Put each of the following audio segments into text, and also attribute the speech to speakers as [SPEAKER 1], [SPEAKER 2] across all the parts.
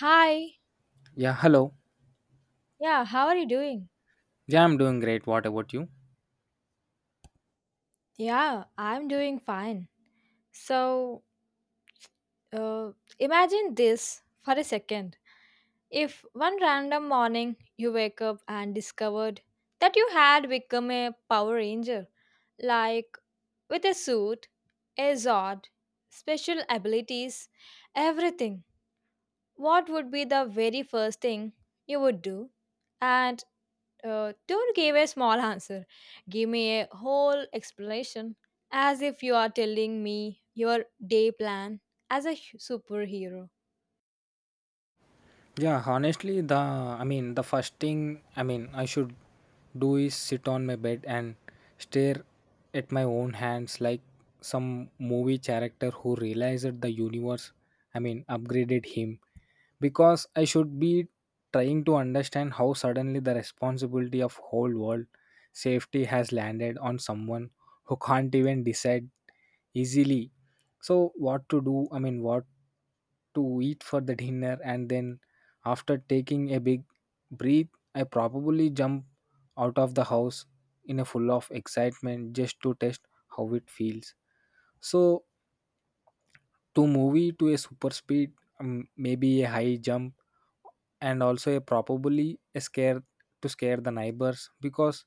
[SPEAKER 1] Hi.
[SPEAKER 2] Yeah, hello.
[SPEAKER 1] Yeah, how are you doing?
[SPEAKER 2] Yeah, I'm doing great. What about you?
[SPEAKER 1] Yeah, I'm doing fine. So, uh, Imagine this for a second. If one random morning you wake up and discovered that you had become a Power Ranger, like with a suit, a zord, special abilities, everything, what would be the very first thing you would do? And Don't give a small answer. Give me a whole explanation, as if you are telling me your day plan as a superhero.
[SPEAKER 2] Yeah, honestly, the I mean, the first thing I mean I should do is sit on my bed and stare at my own hands like some movie character who realized that the universe, I mean, upgraded him. Because I should be trying to understand how suddenly the responsibility of whole world safety has landed on someone who can't even decide easily. So what to do? I mean, what to eat for the dinner, and then after taking a big breath, I probably jump out of the house in a full of excitement just to test how it feels. So to movie to a super speed, maybe a high jump and also a probably a scare to scare the neighbors, because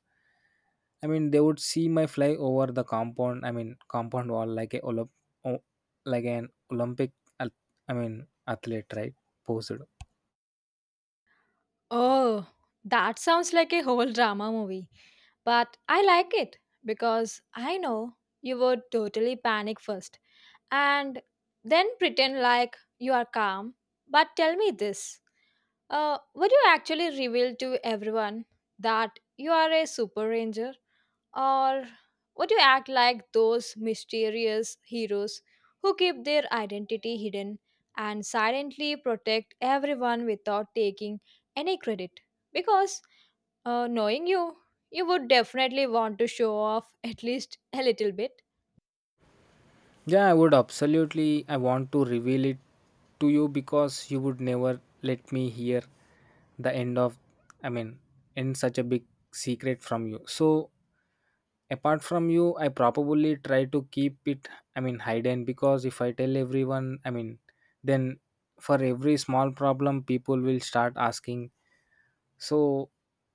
[SPEAKER 2] I mean they would see my fly over the compound I mean compound wall like an Olympic ath- I mean athlete, right? Posed.
[SPEAKER 1] Oh, that sounds like a whole drama movie, but I like it because I know you would totally panic first and then pretend like you are calm. But tell me this. Would you actually reveal to everyone that you are a super ranger? Or would you act like those mysterious heroes who keep their identity hidden and silently protect everyone without taking any credit? Because knowing you, you would definitely want to show off at least a little bit.
[SPEAKER 2] Yeah, I would absolutely I want to reveal it to you because you would never let me hear the end of, I mean, in such a big secret from you. So apart from you, I probably try to keep it, I mean, hidden, because if I tell everyone, I mean, then for every small problem people will start asking. So,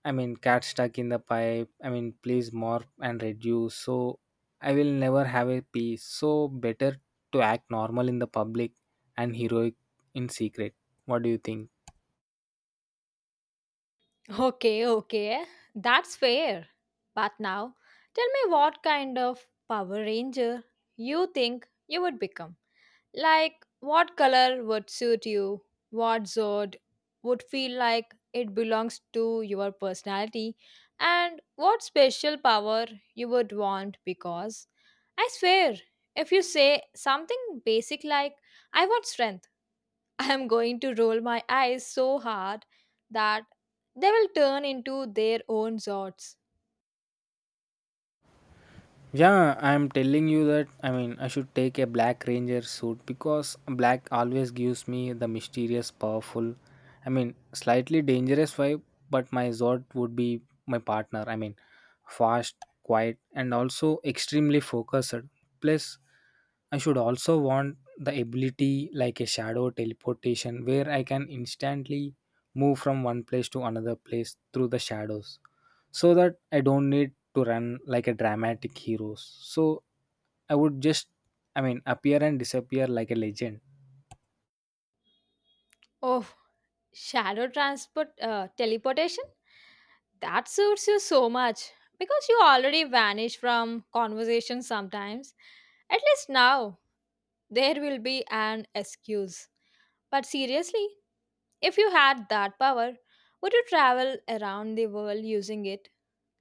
[SPEAKER 2] I mean, cat stuck in the pipe, I mean, please more and reduce. So I will never have a peace, so better to act normal in the public and heroic in secret. What do you think?
[SPEAKER 1] Okay, okay. That's fair. But now, tell me what kind of Power Ranger you think you would become. Like, what color would suit you? What Zord would feel like it belongs to your personality? And what special power you would want because? I swear, if you say something basic like, I want strength, I am going to roll my eyes so hard that they will turn into their own zords.
[SPEAKER 2] Yeah, I'm telling you that, I mean, I should take a black ranger suit because black always gives me the mysterious, powerful, I mean slightly dangerous vibe, but my Zod would be my partner. I mean fast, quiet and also extremely focused. Plus I should also want the ability like a shadow teleportation where I can instantly move from one place to another place through the shadows so that I don't need to run like a dramatic heroes. So I would just, I mean, appear and disappear like a legend.
[SPEAKER 1] Oh, shadow transport, teleportation? That suits you so much because you already vanish from conversations sometimes. At least now, there will be an excuse. But seriously, if you had that power, would you travel around the world using it?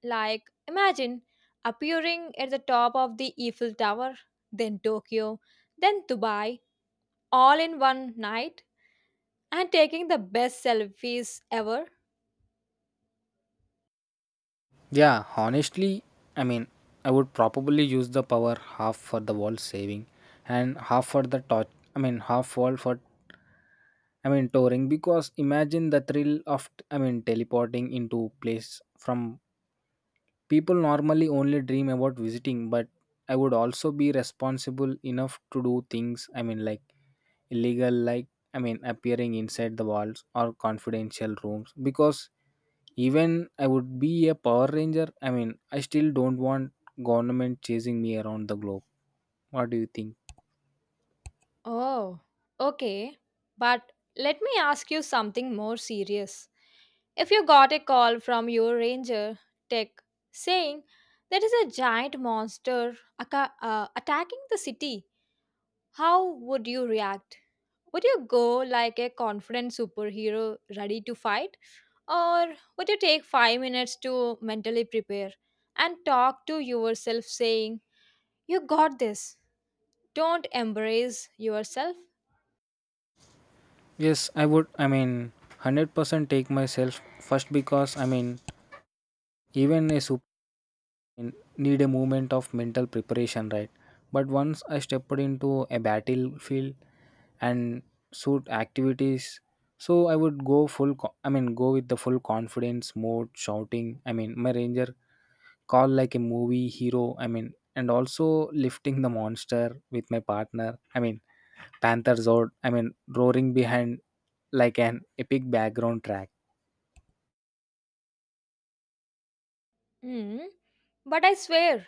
[SPEAKER 1] Like, imagine appearing at the top of the Eiffel Tower, then Tokyo, then Dubai, all in one night, and taking the best selfies ever.
[SPEAKER 2] Yeah, honestly, I mean I would probably use the power half for the world saving and half for the torch, I mean half world for, I mean, touring, because imagine the thrill of, I mean, teleporting into place from people normally only dream about visiting. But I would also be responsible enough to do things, I mean, like illegal, like, I mean, appearing inside the walls or confidential rooms, because even I would be a Power Ranger, I mean, I still don't want government chasing me around the globe. What do you think?
[SPEAKER 1] Oh, okay. But let me ask you something more serious. If you got a call from your ranger tech saying there is a giant monster attacking the city, how would you react? Would you go like a confident superhero ready to fight? Or would you take 5 minutes to mentally prepare and talk to yourself saying, you got this? Don't embrace yourself?
[SPEAKER 2] Yes, I would. I mean, 100% take myself first, because I mean, even a super in- need a moment of mental preparation, right? But once I stepped into a battlefield and suit activities, so I would go I mean, go with the full confidence mode, shouting. I mean, my ranger call like a movie hero. I mean, and also lifting the monster with my partner. I mean, Panther Zord. I mean, roaring behind like an epic background track.
[SPEAKER 1] Hmm. But I swear,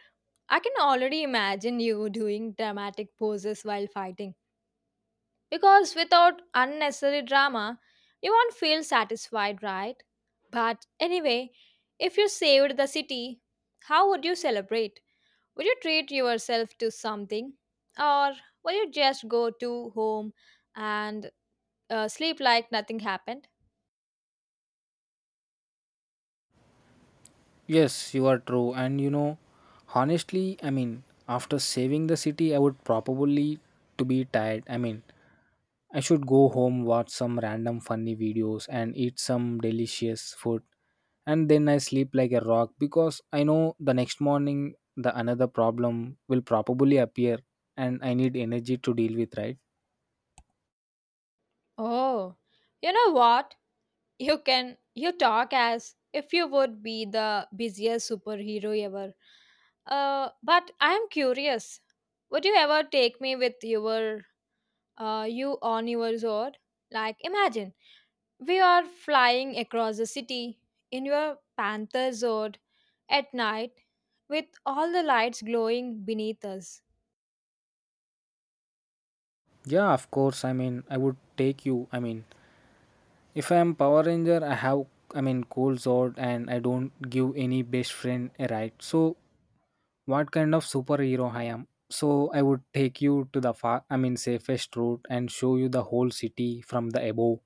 [SPEAKER 1] I can already imagine you doing dramatic poses while fighting. Because without unnecessary drama, you won't feel satisfied, right? But anyway, if you saved the city, how would you celebrate? Would you treat yourself to something? Or will you just go to home and sleep like nothing happened?
[SPEAKER 2] Yes, you are true. And you know, honestly, I mean, after saving the city, I would probably to be tired. I mean, I should go home, watch some random funny videos and eat some delicious food. And then I sleep like a rock because I know the next morning the another problem will probably appear and I need energy to deal with, right?
[SPEAKER 1] Oh, you know what? You talk as if you would be the busiest superhero ever. But I am curious. Would you ever take me with you on your sword. Like, imagine we are flying across the city in your panther sword at night with all the lights glowing beneath us.
[SPEAKER 2] Yeah, of course. I mean, I would take you. I mean, if I am Power Ranger, I have, I mean, cold sword and I don't give any best friend a ride. So what kind of superhero I am? So I would take you to the far, I mean, safest route and show you the whole city from the above.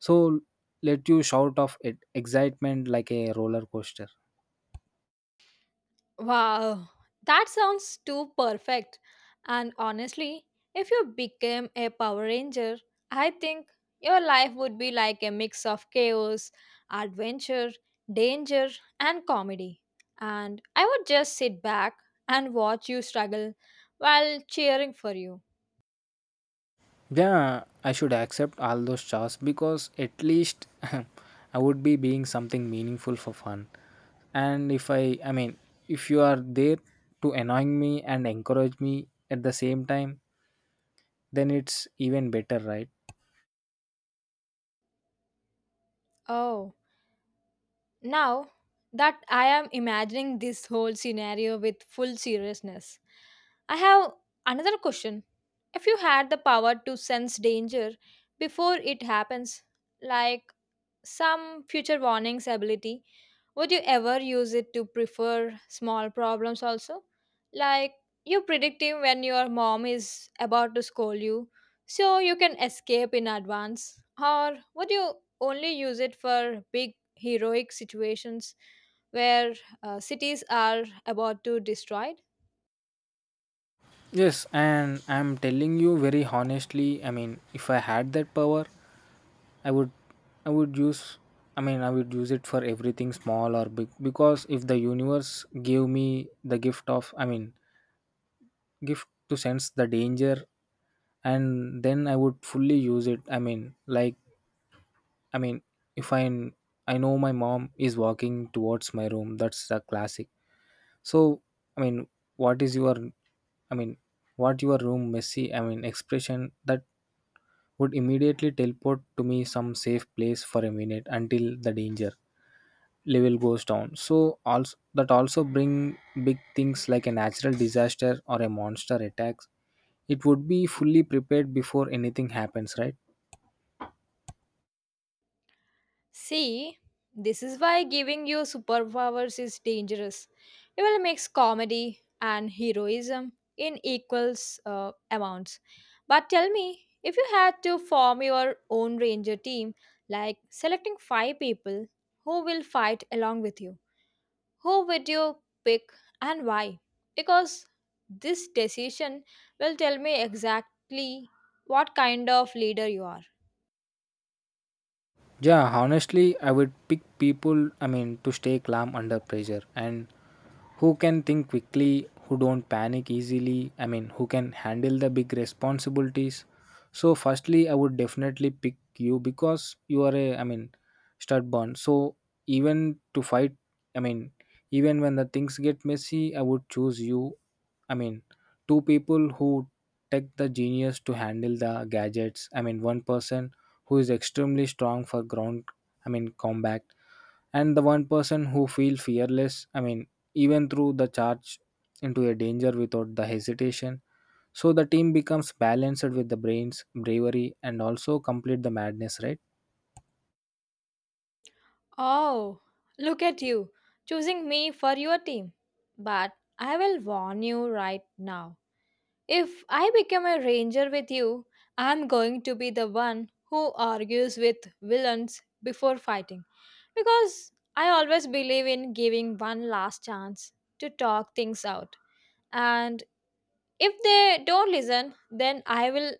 [SPEAKER 2] So let you shout of it, excitement like a roller coaster.
[SPEAKER 1] Wow, that sounds too perfect. And honestly, if you became a Power Ranger, I think your life would be like a mix of chaos, adventure, danger, and comedy. And I would just sit back and watch you struggle while cheering for you.
[SPEAKER 2] Yeah, I should accept all those stars because at least I would be being something meaningful for fun. And if I, I mean, if you are there to annoying me and encourage me at the same time, then it's even better, right?
[SPEAKER 1] Oh. Now that I am imagining this whole scenario with full seriousness, I have another question. If you had the power to sense danger before it happens, like some future warnings ability, would you ever use it to prefer small problems also? Like you're predictive when your mom is about to scold you, so you can escape in advance. Or would you only use it for big heroic situations where cities are about to destroyed?
[SPEAKER 2] Yes, and I'm telling you very honestly, I mean, if I had that power, I would I would use I mean, I would use it for everything small or big, because if the universe gave me the gift of, I mean, gift to sense the danger, and then I would fully use it, I mean, like, I mean, if I know my mom is walking towards my room, that's the classic. So, I mean, what is your, I mean, what your room messy, I mean, expression, that would immediately teleport to me some safe place for a minute until the danger level goes down. So also that also bring big things like a natural disaster or a monster attacks, it would be fully prepared before anything happens, right?
[SPEAKER 1] See, this is why giving you superpowers is dangerous. You will mix comedy and heroism in equals amounts. But tell me, if you had to form your own ranger team, like selecting five people who will fight along with you, who would you pick and why? Because this decision will tell me exactly what kind of leader you are.
[SPEAKER 2] Yeah, honestly, I would pick people, I mean, to stay calm under pressure and who can think quickly, who don't panic easily, I mean, who can handle the big responsibilities. So, firstly, I would definitely pick you because you are I mean, stubborn. So, even to fight, I mean, even when the things get messy, I would choose you. I mean, two people who take the genius to handle the gadgets. I mean, one person who is extremely strong for ground, I mean, combat, and the one person who feel fearless, I mean, even through the charge into a danger without the hesitation, so the team becomes balanced with the brains, bravery and also complete the madness, right?
[SPEAKER 1] Oh, look at you choosing me for your team. But I will warn you right now. If I become a ranger with you, I'm going to be the one who argues with villains before fighting. Because I always believe in giving one last chance to talk things out. And if they don't listen, then I will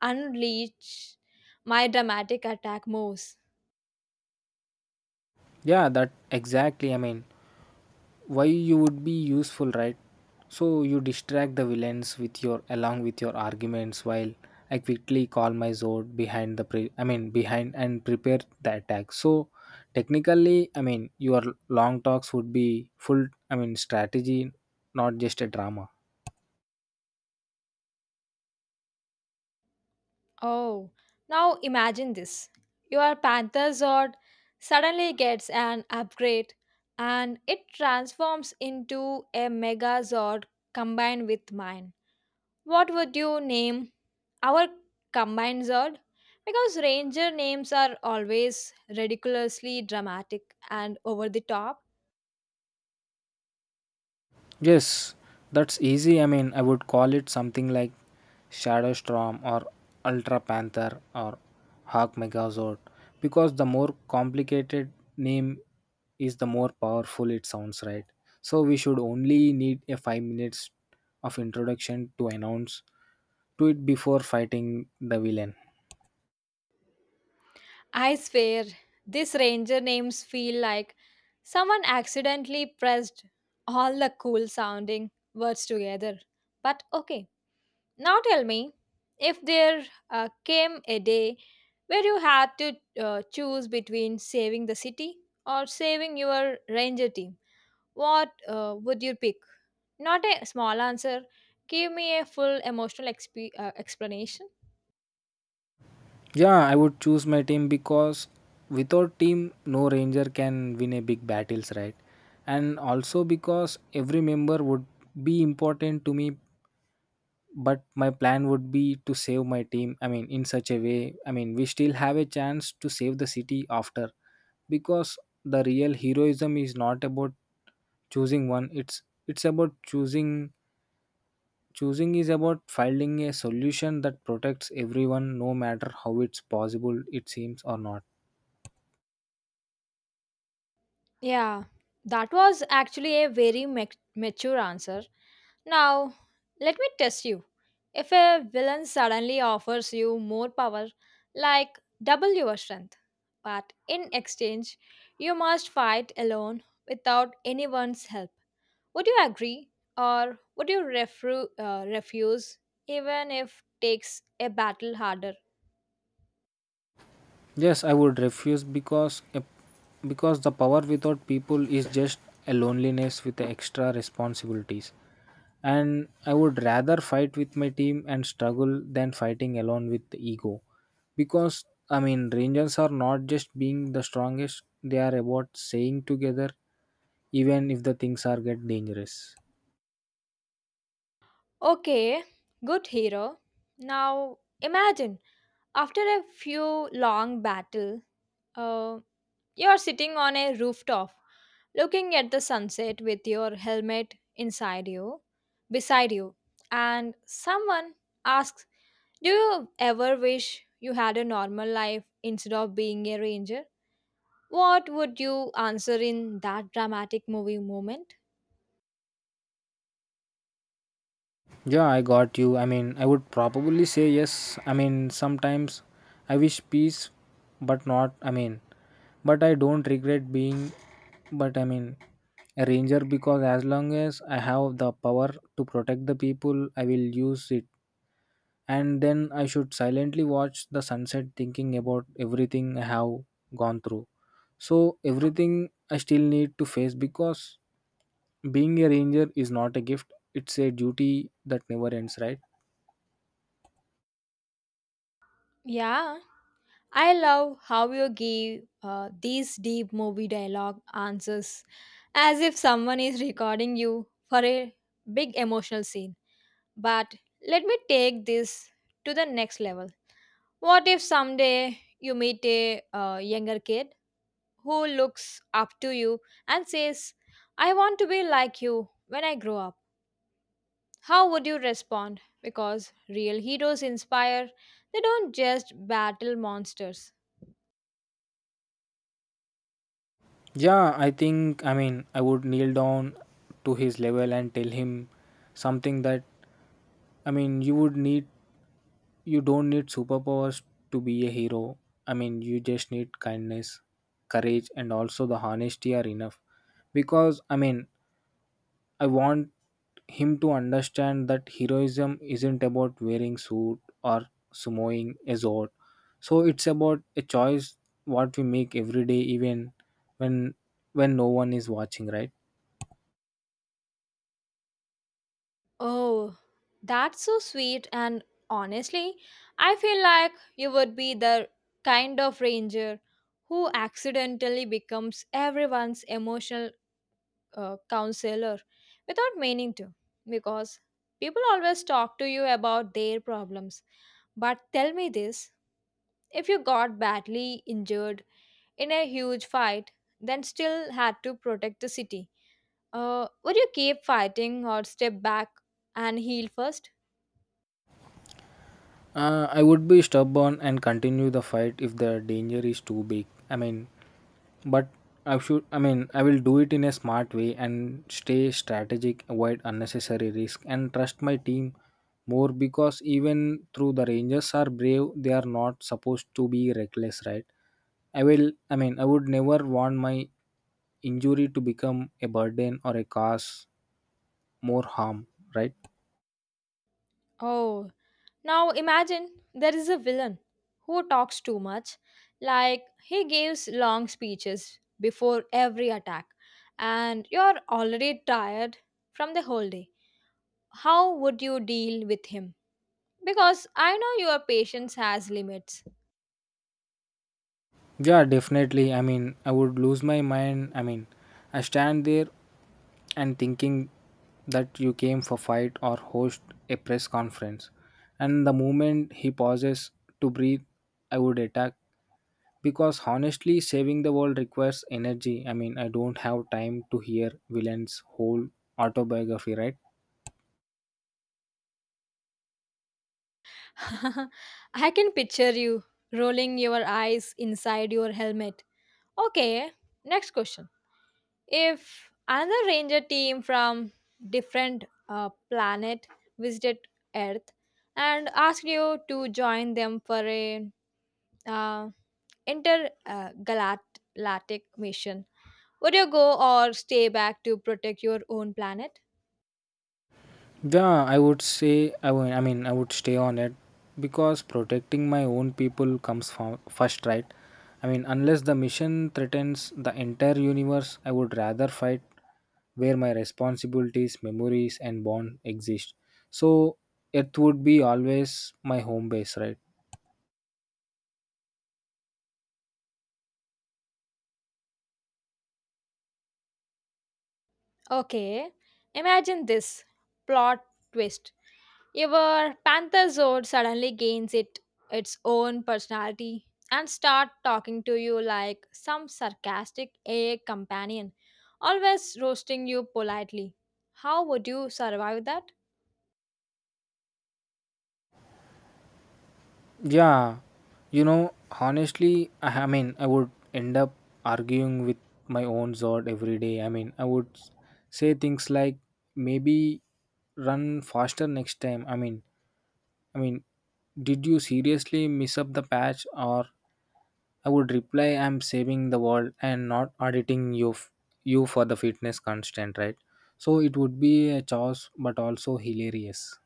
[SPEAKER 1] unleash my dramatic attack moves.
[SPEAKER 2] Yeah, that exactly, I mean, why you would be useful, right? So you distract the villains with your along with your arguments, while I quickly call my sword I mean behind and prepare the attack. So technically, I mean, your long talks would be full, I mean, strategy, not just a drama.
[SPEAKER 1] Oh, now imagine this. Your Panther Zord suddenly gets an upgrade and it transforms into a Mega Zord combined with mine. What would you name our combined Zord? Because Ranger names are always ridiculously dramatic and over the top.
[SPEAKER 2] Yes, that's easy. I mean, I would call it something like Shadowstorm or Ultra Panther or Hawk Megazord, because the more complicated name is, the more powerful it sounds, right? So we should only need a 5 minutes of introduction to announce to it before fighting the villain.
[SPEAKER 1] I swear, this ranger names feel like someone accidentally pressed all the cool sounding words together. But okay, now tell me if there came a day where you had to choose between saving the city or saving your ranger team, what would you pick? Not a small answer, give me a full emotional explanation.
[SPEAKER 2] Yeah, I would choose my team because without team, no ranger can win a big battles, right? And also because every member would be important to me, but my plan would be to save my team. I mean, in such a way, I mean, we still have a chance to save the city after, because the real heroism is not about choosing one. It's about choosing is about finding a solution that protects everyone no matter how it's possible it seems or not.
[SPEAKER 1] Yeah, that was actually a very mature answer. Now, let me test you. If a villain suddenly offers you more power, like double your strength, but in exchange, you must fight alone without anyone's help, would you agree or would you refuse even if takes a battle harder?
[SPEAKER 2] Yes, I would refuse because the power without people is just a loneliness with extra responsibilities. And I would rather fight with my team and struggle than fighting alone with the ego. Because, I mean, Rangers are not just being the strongest, they are about staying together even if the things are get dangerous.
[SPEAKER 1] Okay, good hero. Now, imagine after a few long battle, uh, you're sitting on a rooftop, looking at the sunset with your helmet beside you, and someone asks, "Do you ever wish you had a normal life instead of being a ranger?" What would you answer in that dramatic movie moment?
[SPEAKER 2] Yeah, I got you. I mean, I would probably say yes. I mean, sometimes I wish peace, but not, I mean, but I don't regret being, but I mean, a ranger, because as long as I have the power to protect the people, I will use it. And then I should silently watch the sunset thinking about everything I have gone through. So, everything I still need to face, because being a ranger is not a gift, it's a duty that never ends, right?
[SPEAKER 1] Yeah, I love how you give these deep movie dialogue answers as if someone is recording you for a big emotional scene. But let me take this to the next level. What if someday you meet a younger kid who looks up to you and says, I want to be like you when I grow up? How would you respond? Because real heroes inspire, they don't just battle monsters.
[SPEAKER 2] Yeah, I think, I mean, I would kneel down to his level and tell him something that, I mean, you would need, you don't need superpowers to be a hero. I mean, you just need kindness, courage, and also the honesty are enough. Because, I mean, I want him to understand that heroism isn't about wearing suit or sumoing a sword. So it's about a choice what we make every day, even when when no one is watching, right?
[SPEAKER 1] Oh, that's so sweet. And honestly, I feel like you would be the kind of ranger who accidentally becomes everyone's emotional counselor without meaning to. Because people always talk to you about their problems. But tell me this, if you got badly injured in a huge fight, then still had to protect the city, would you keep fighting or step back and heal first?
[SPEAKER 2] I would be stubborn and continue the fight if the danger is too big. I mean, but I should, I mean, I will do it in a smart way and stay strategic, avoid unnecessary risk, and trust my team more, because even through the Rangers are brave, they are not supposed to be reckless, right? I will, I mean, I would never want my injury to become a burden or a cause more harm, right?
[SPEAKER 1] Oh, now imagine there is a villain who talks too much, like he gives long speeches before every attack, and you're already tired from the whole day. How would you deal with him? Because I know your patience has limits.
[SPEAKER 2] Yeah, definitely. I mean, I would lose my mind. I mean, I stand there and thinking that you came for fight or host a press conference. And the moment he pauses to breathe, I would attack, because honestly, saving the world requires energy. I mean, I don't have time to hear villain's whole autobiography, right?
[SPEAKER 1] I can picture you rolling your eyes inside your helmet. Okay, next question. If another ranger team from different planet visited Earth and asked you to join them for a uh, intergalactic mission, would you go or stay back to protect your own planet?
[SPEAKER 2] Yeah, I would say I mean I would stay on it because protecting my own people comes first, right? I mean, unless the mission threatens the entire universe, I would rather fight where my responsibilities, memories, and bond exist. So it would be always my home base, right?
[SPEAKER 1] Okay, imagine this plot twist. Your pantherzoid suddenly gains it its own personality and start talking to you like some sarcastic AI companion, always roasting you politely. How would you survive that?
[SPEAKER 2] Yeah, you know, honestly, I mean, I would end up arguing with my own Zod every day. I mean, I would say things like maybe run faster next time. I mean, did you seriously miss up the patch? Or I would reply, I'm saving the world and not auditing you for the fitness constant, right? So it would be a chores, but also hilarious.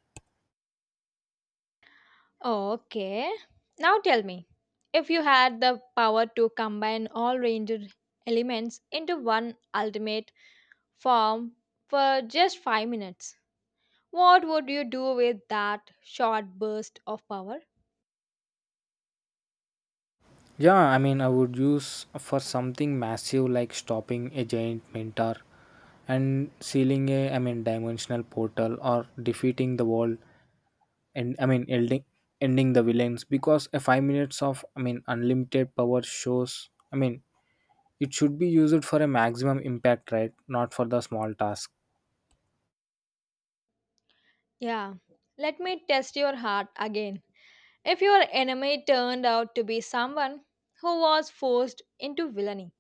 [SPEAKER 1] Okay. Now tell me, if you had the power to combine all ranged elements into one ultimate form for just 5 minutes, what would you do with that short burst of power?
[SPEAKER 2] Yeah, I mean, I would use for something massive like stopping a giant mentor and sealing a, I mean, dimensional portal or defeating the wall and I mean, ending the villains because a 5 minutes of I mean, unlimited power shows. I mean, it should be used for a maximum impact, right? Not for the small task.
[SPEAKER 1] Yeah, let me test your heart again. If your enemy turned out to be someone who was forced into villainy,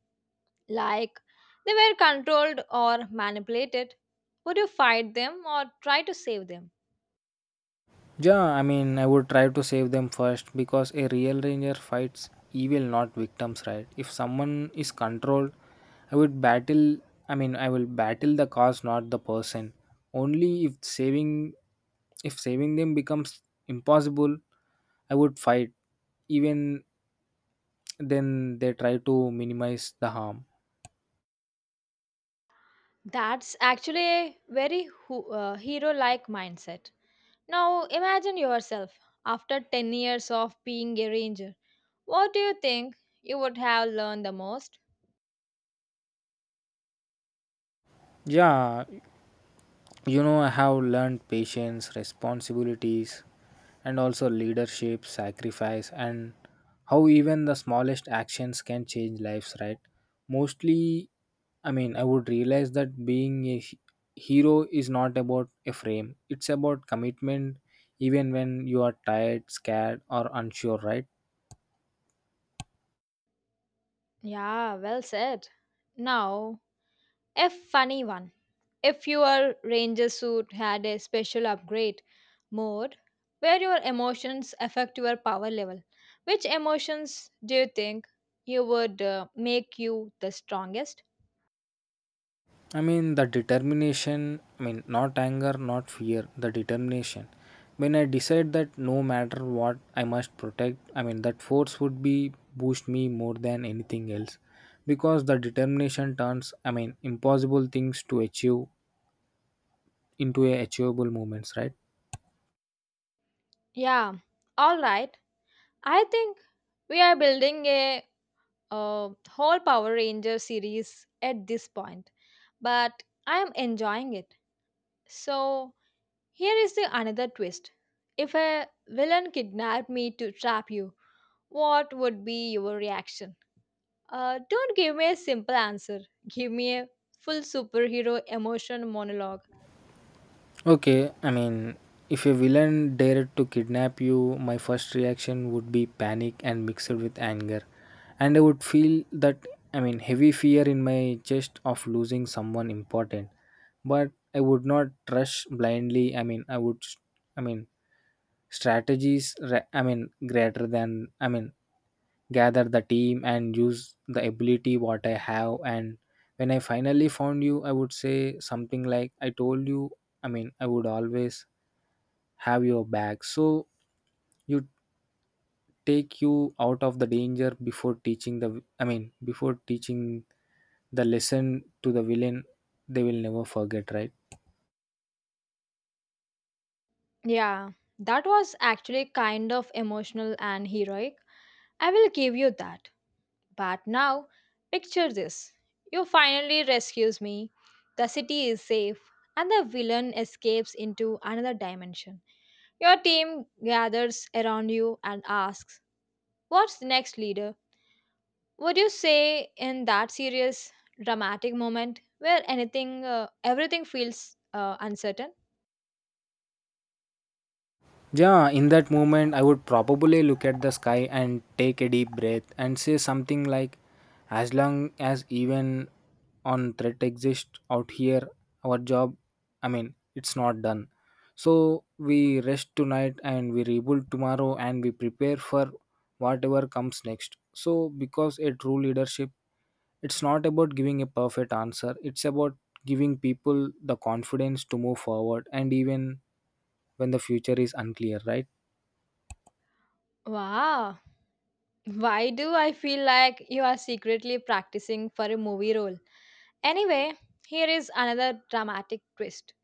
[SPEAKER 1] like they were controlled or manipulated, would you fight them or try to save them?
[SPEAKER 2] Yeah, I mean, I would try to save them first because a real ranger fights evil, not victims, right? If someone is controlled, I would battle. I mean, I will battle the cause, not the person. Only if saving, If saving them becomes impossible, I would fight. Even then, they try to minimize the harm.
[SPEAKER 1] That's actually a very hero like mindset. Now imagine yourself after 10 years of being a ranger. What do you think you would have learned the most?
[SPEAKER 2] Yeah, you know, I have learned patience, responsibilities, and also leadership, sacrifice, and how even the smallest actions can change lives, right? Mostly, I mean, I would realize that being a hero is not about a frame, it's about commitment even when you are tired, scared, or unsure, right?
[SPEAKER 1] Yeah, well said. Now, a funny one. If your ranger suit had a special upgrade mode where your emotions affect your power level, which emotions do you think you would make you the strongest?
[SPEAKER 2] I mean, the determination, I mean, not anger, not fear, the determination. When I decide that no matter what I must protect, I mean, that force would be boost me more than anything else because the determination turns, I mean, impossible things to achieve into a achievable moments, right?
[SPEAKER 1] Yeah, all right. I think we are building a whole Power Ranger series at this point, but I am enjoying it. So, here is the another twist. If a villain kidnapped me to trap you, what would be your reaction? Don't give me a simple answer. Give me a full superhero emotion monologue.
[SPEAKER 2] Okay, I mean, if a villain dared to kidnap you, my first reaction would be panic and mixed with anger. And I would feel that, I mean, heavy fear in my chest of losing someone important. But I would not rush blindly. I mean, I mean, greater than, I mean, gather the team and use the ability what I have. And when I finally found you, I would say something like, I told you, I mean, I would always have your back. So you, take you out of the danger before teaching the, I mean, before teaching the lesson to the villain they will never forget, right?
[SPEAKER 1] Yeah, that was actually kind of emotional and heroic. I will give you that. But now, picture this. You finally rescues me. The city is safe and the villain escapes into another dimension. Your team gathers around you and asks, "What's next, leader?" Would you say in that serious, dramatic moment where everything feels uncertain?
[SPEAKER 2] Yeah, in that moment, I would probably look at the sky and take a deep breath and say something like, as long as even on threat exists out here, our job, I mean, it's not done. So we rest tonight and we rebuild tomorrow and we prepare for whatever comes next. So, because a true leadership, it's not about giving a perfect answer, it's about giving people the confidence to move forward and even when the future is unclear, right?
[SPEAKER 1] Wow. Why do I feel like you are secretly practicing for a movie role? Anyway, here is another dramatic twist.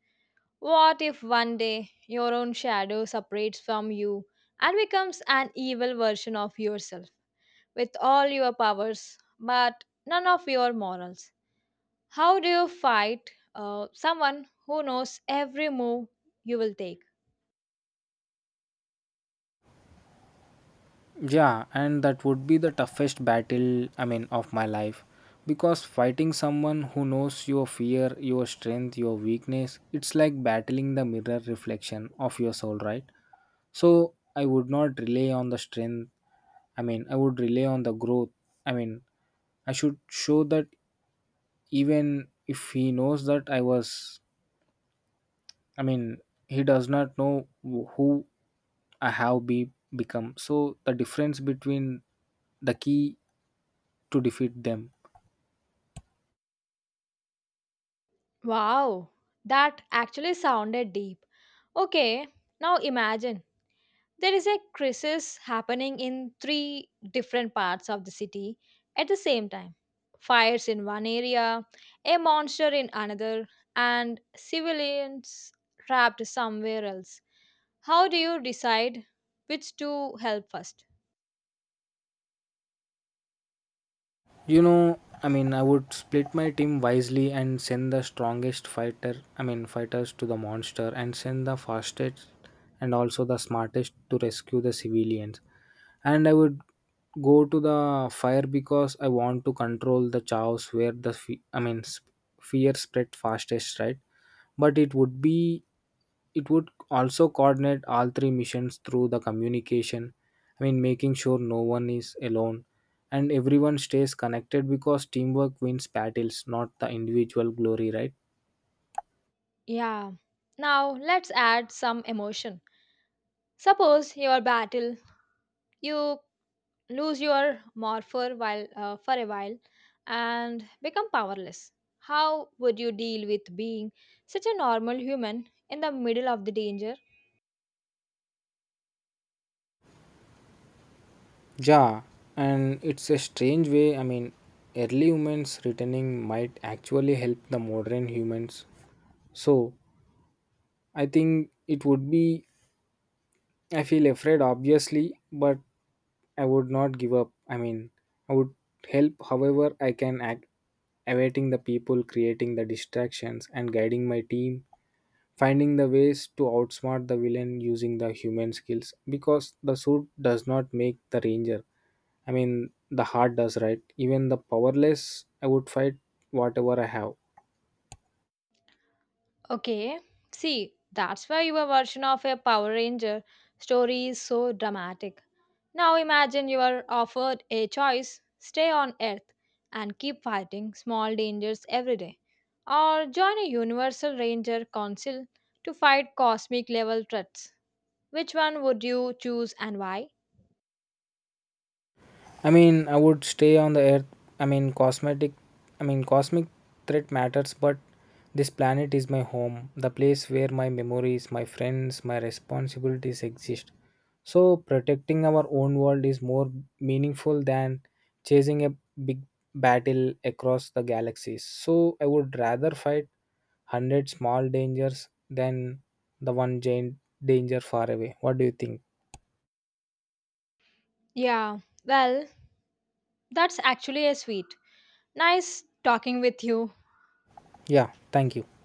[SPEAKER 1] What if one day your own shadow separates from you and becomes an evil version of yourself with all your powers but none of your morals? How do you fight someone who knows every move you will take?
[SPEAKER 2] Yeah, and that would be the toughest battle, I mean, of my life. Because fighting someone who knows your fear, your strength, your weakness, it's like battling the mirror reflection of your soul, right? So I would not rely on the strength. I mean, I would rely on the growth. I mean, I should show that even if he knows that I was, I mean, he does not know who I have be, become. So the difference between the key to defeat them.
[SPEAKER 1] Wow, that actually sounded deep. Okay, now imagine there is a crisis happening in three different parts of the city at the same time. Fires in one area, a monster in another, and civilians trapped somewhere else. How do you decide which to help first?
[SPEAKER 2] You know, I mean, I would split my team wisely and send the strongest fighter, I mean, fighters to the monster and send the fastest and also the smartest to rescue the civilians. And I would go to the fire because I want to control the chaos where the, fear spread fastest, right? But it would also coordinate all three missions through the communication, I mean, making sure no one is alone and everyone stays connected because teamwork wins battles, not the individual glory, right?
[SPEAKER 1] Yeah. Now let's add some emotion. Suppose your battle, you lose your morpher while for a while and become powerless. How would you deal with being such a normal human in the middle of the danger?
[SPEAKER 2] Yeah, and it's a strange way, I mean, early humans returning might actually help the modern humans. So I think it would be, I feel afraid obviously, but I would not give up. I mean, I would help however I can act, awaiting the people, creating the distractions, and guiding my team, finding the ways to outsmart the villain using the human skills. Because the suit does not make the ranger. I mean, the heart does, right? Even the powerless, I would fight whatever I have.
[SPEAKER 1] Okay, see, that's why your version of a Power Ranger story is so dramatic. Now imagine you are offered a choice stay on Earth and keep fighting small dangers every day, or join a Universal Ranger Council to fight cosmic level threats. Which one would you choose and why?
[SPEAKER 2] I mean, I would stay on the earth. I mean, cosmetic. I mean, cosmic threat matters, but this planet is my home, the place where my memories, my friends, my responsibilities exist. So, protecting our own world is more meaningful than chasing a big battle across the galaxies. So, I would rather fight 100 small dangers than the one giant danger far away. What do you think?
[SPEAKER 1] Yeah, well, that's actually a sweet. Nice talking with you.
[SPEAKER 2] Yeah, thank you.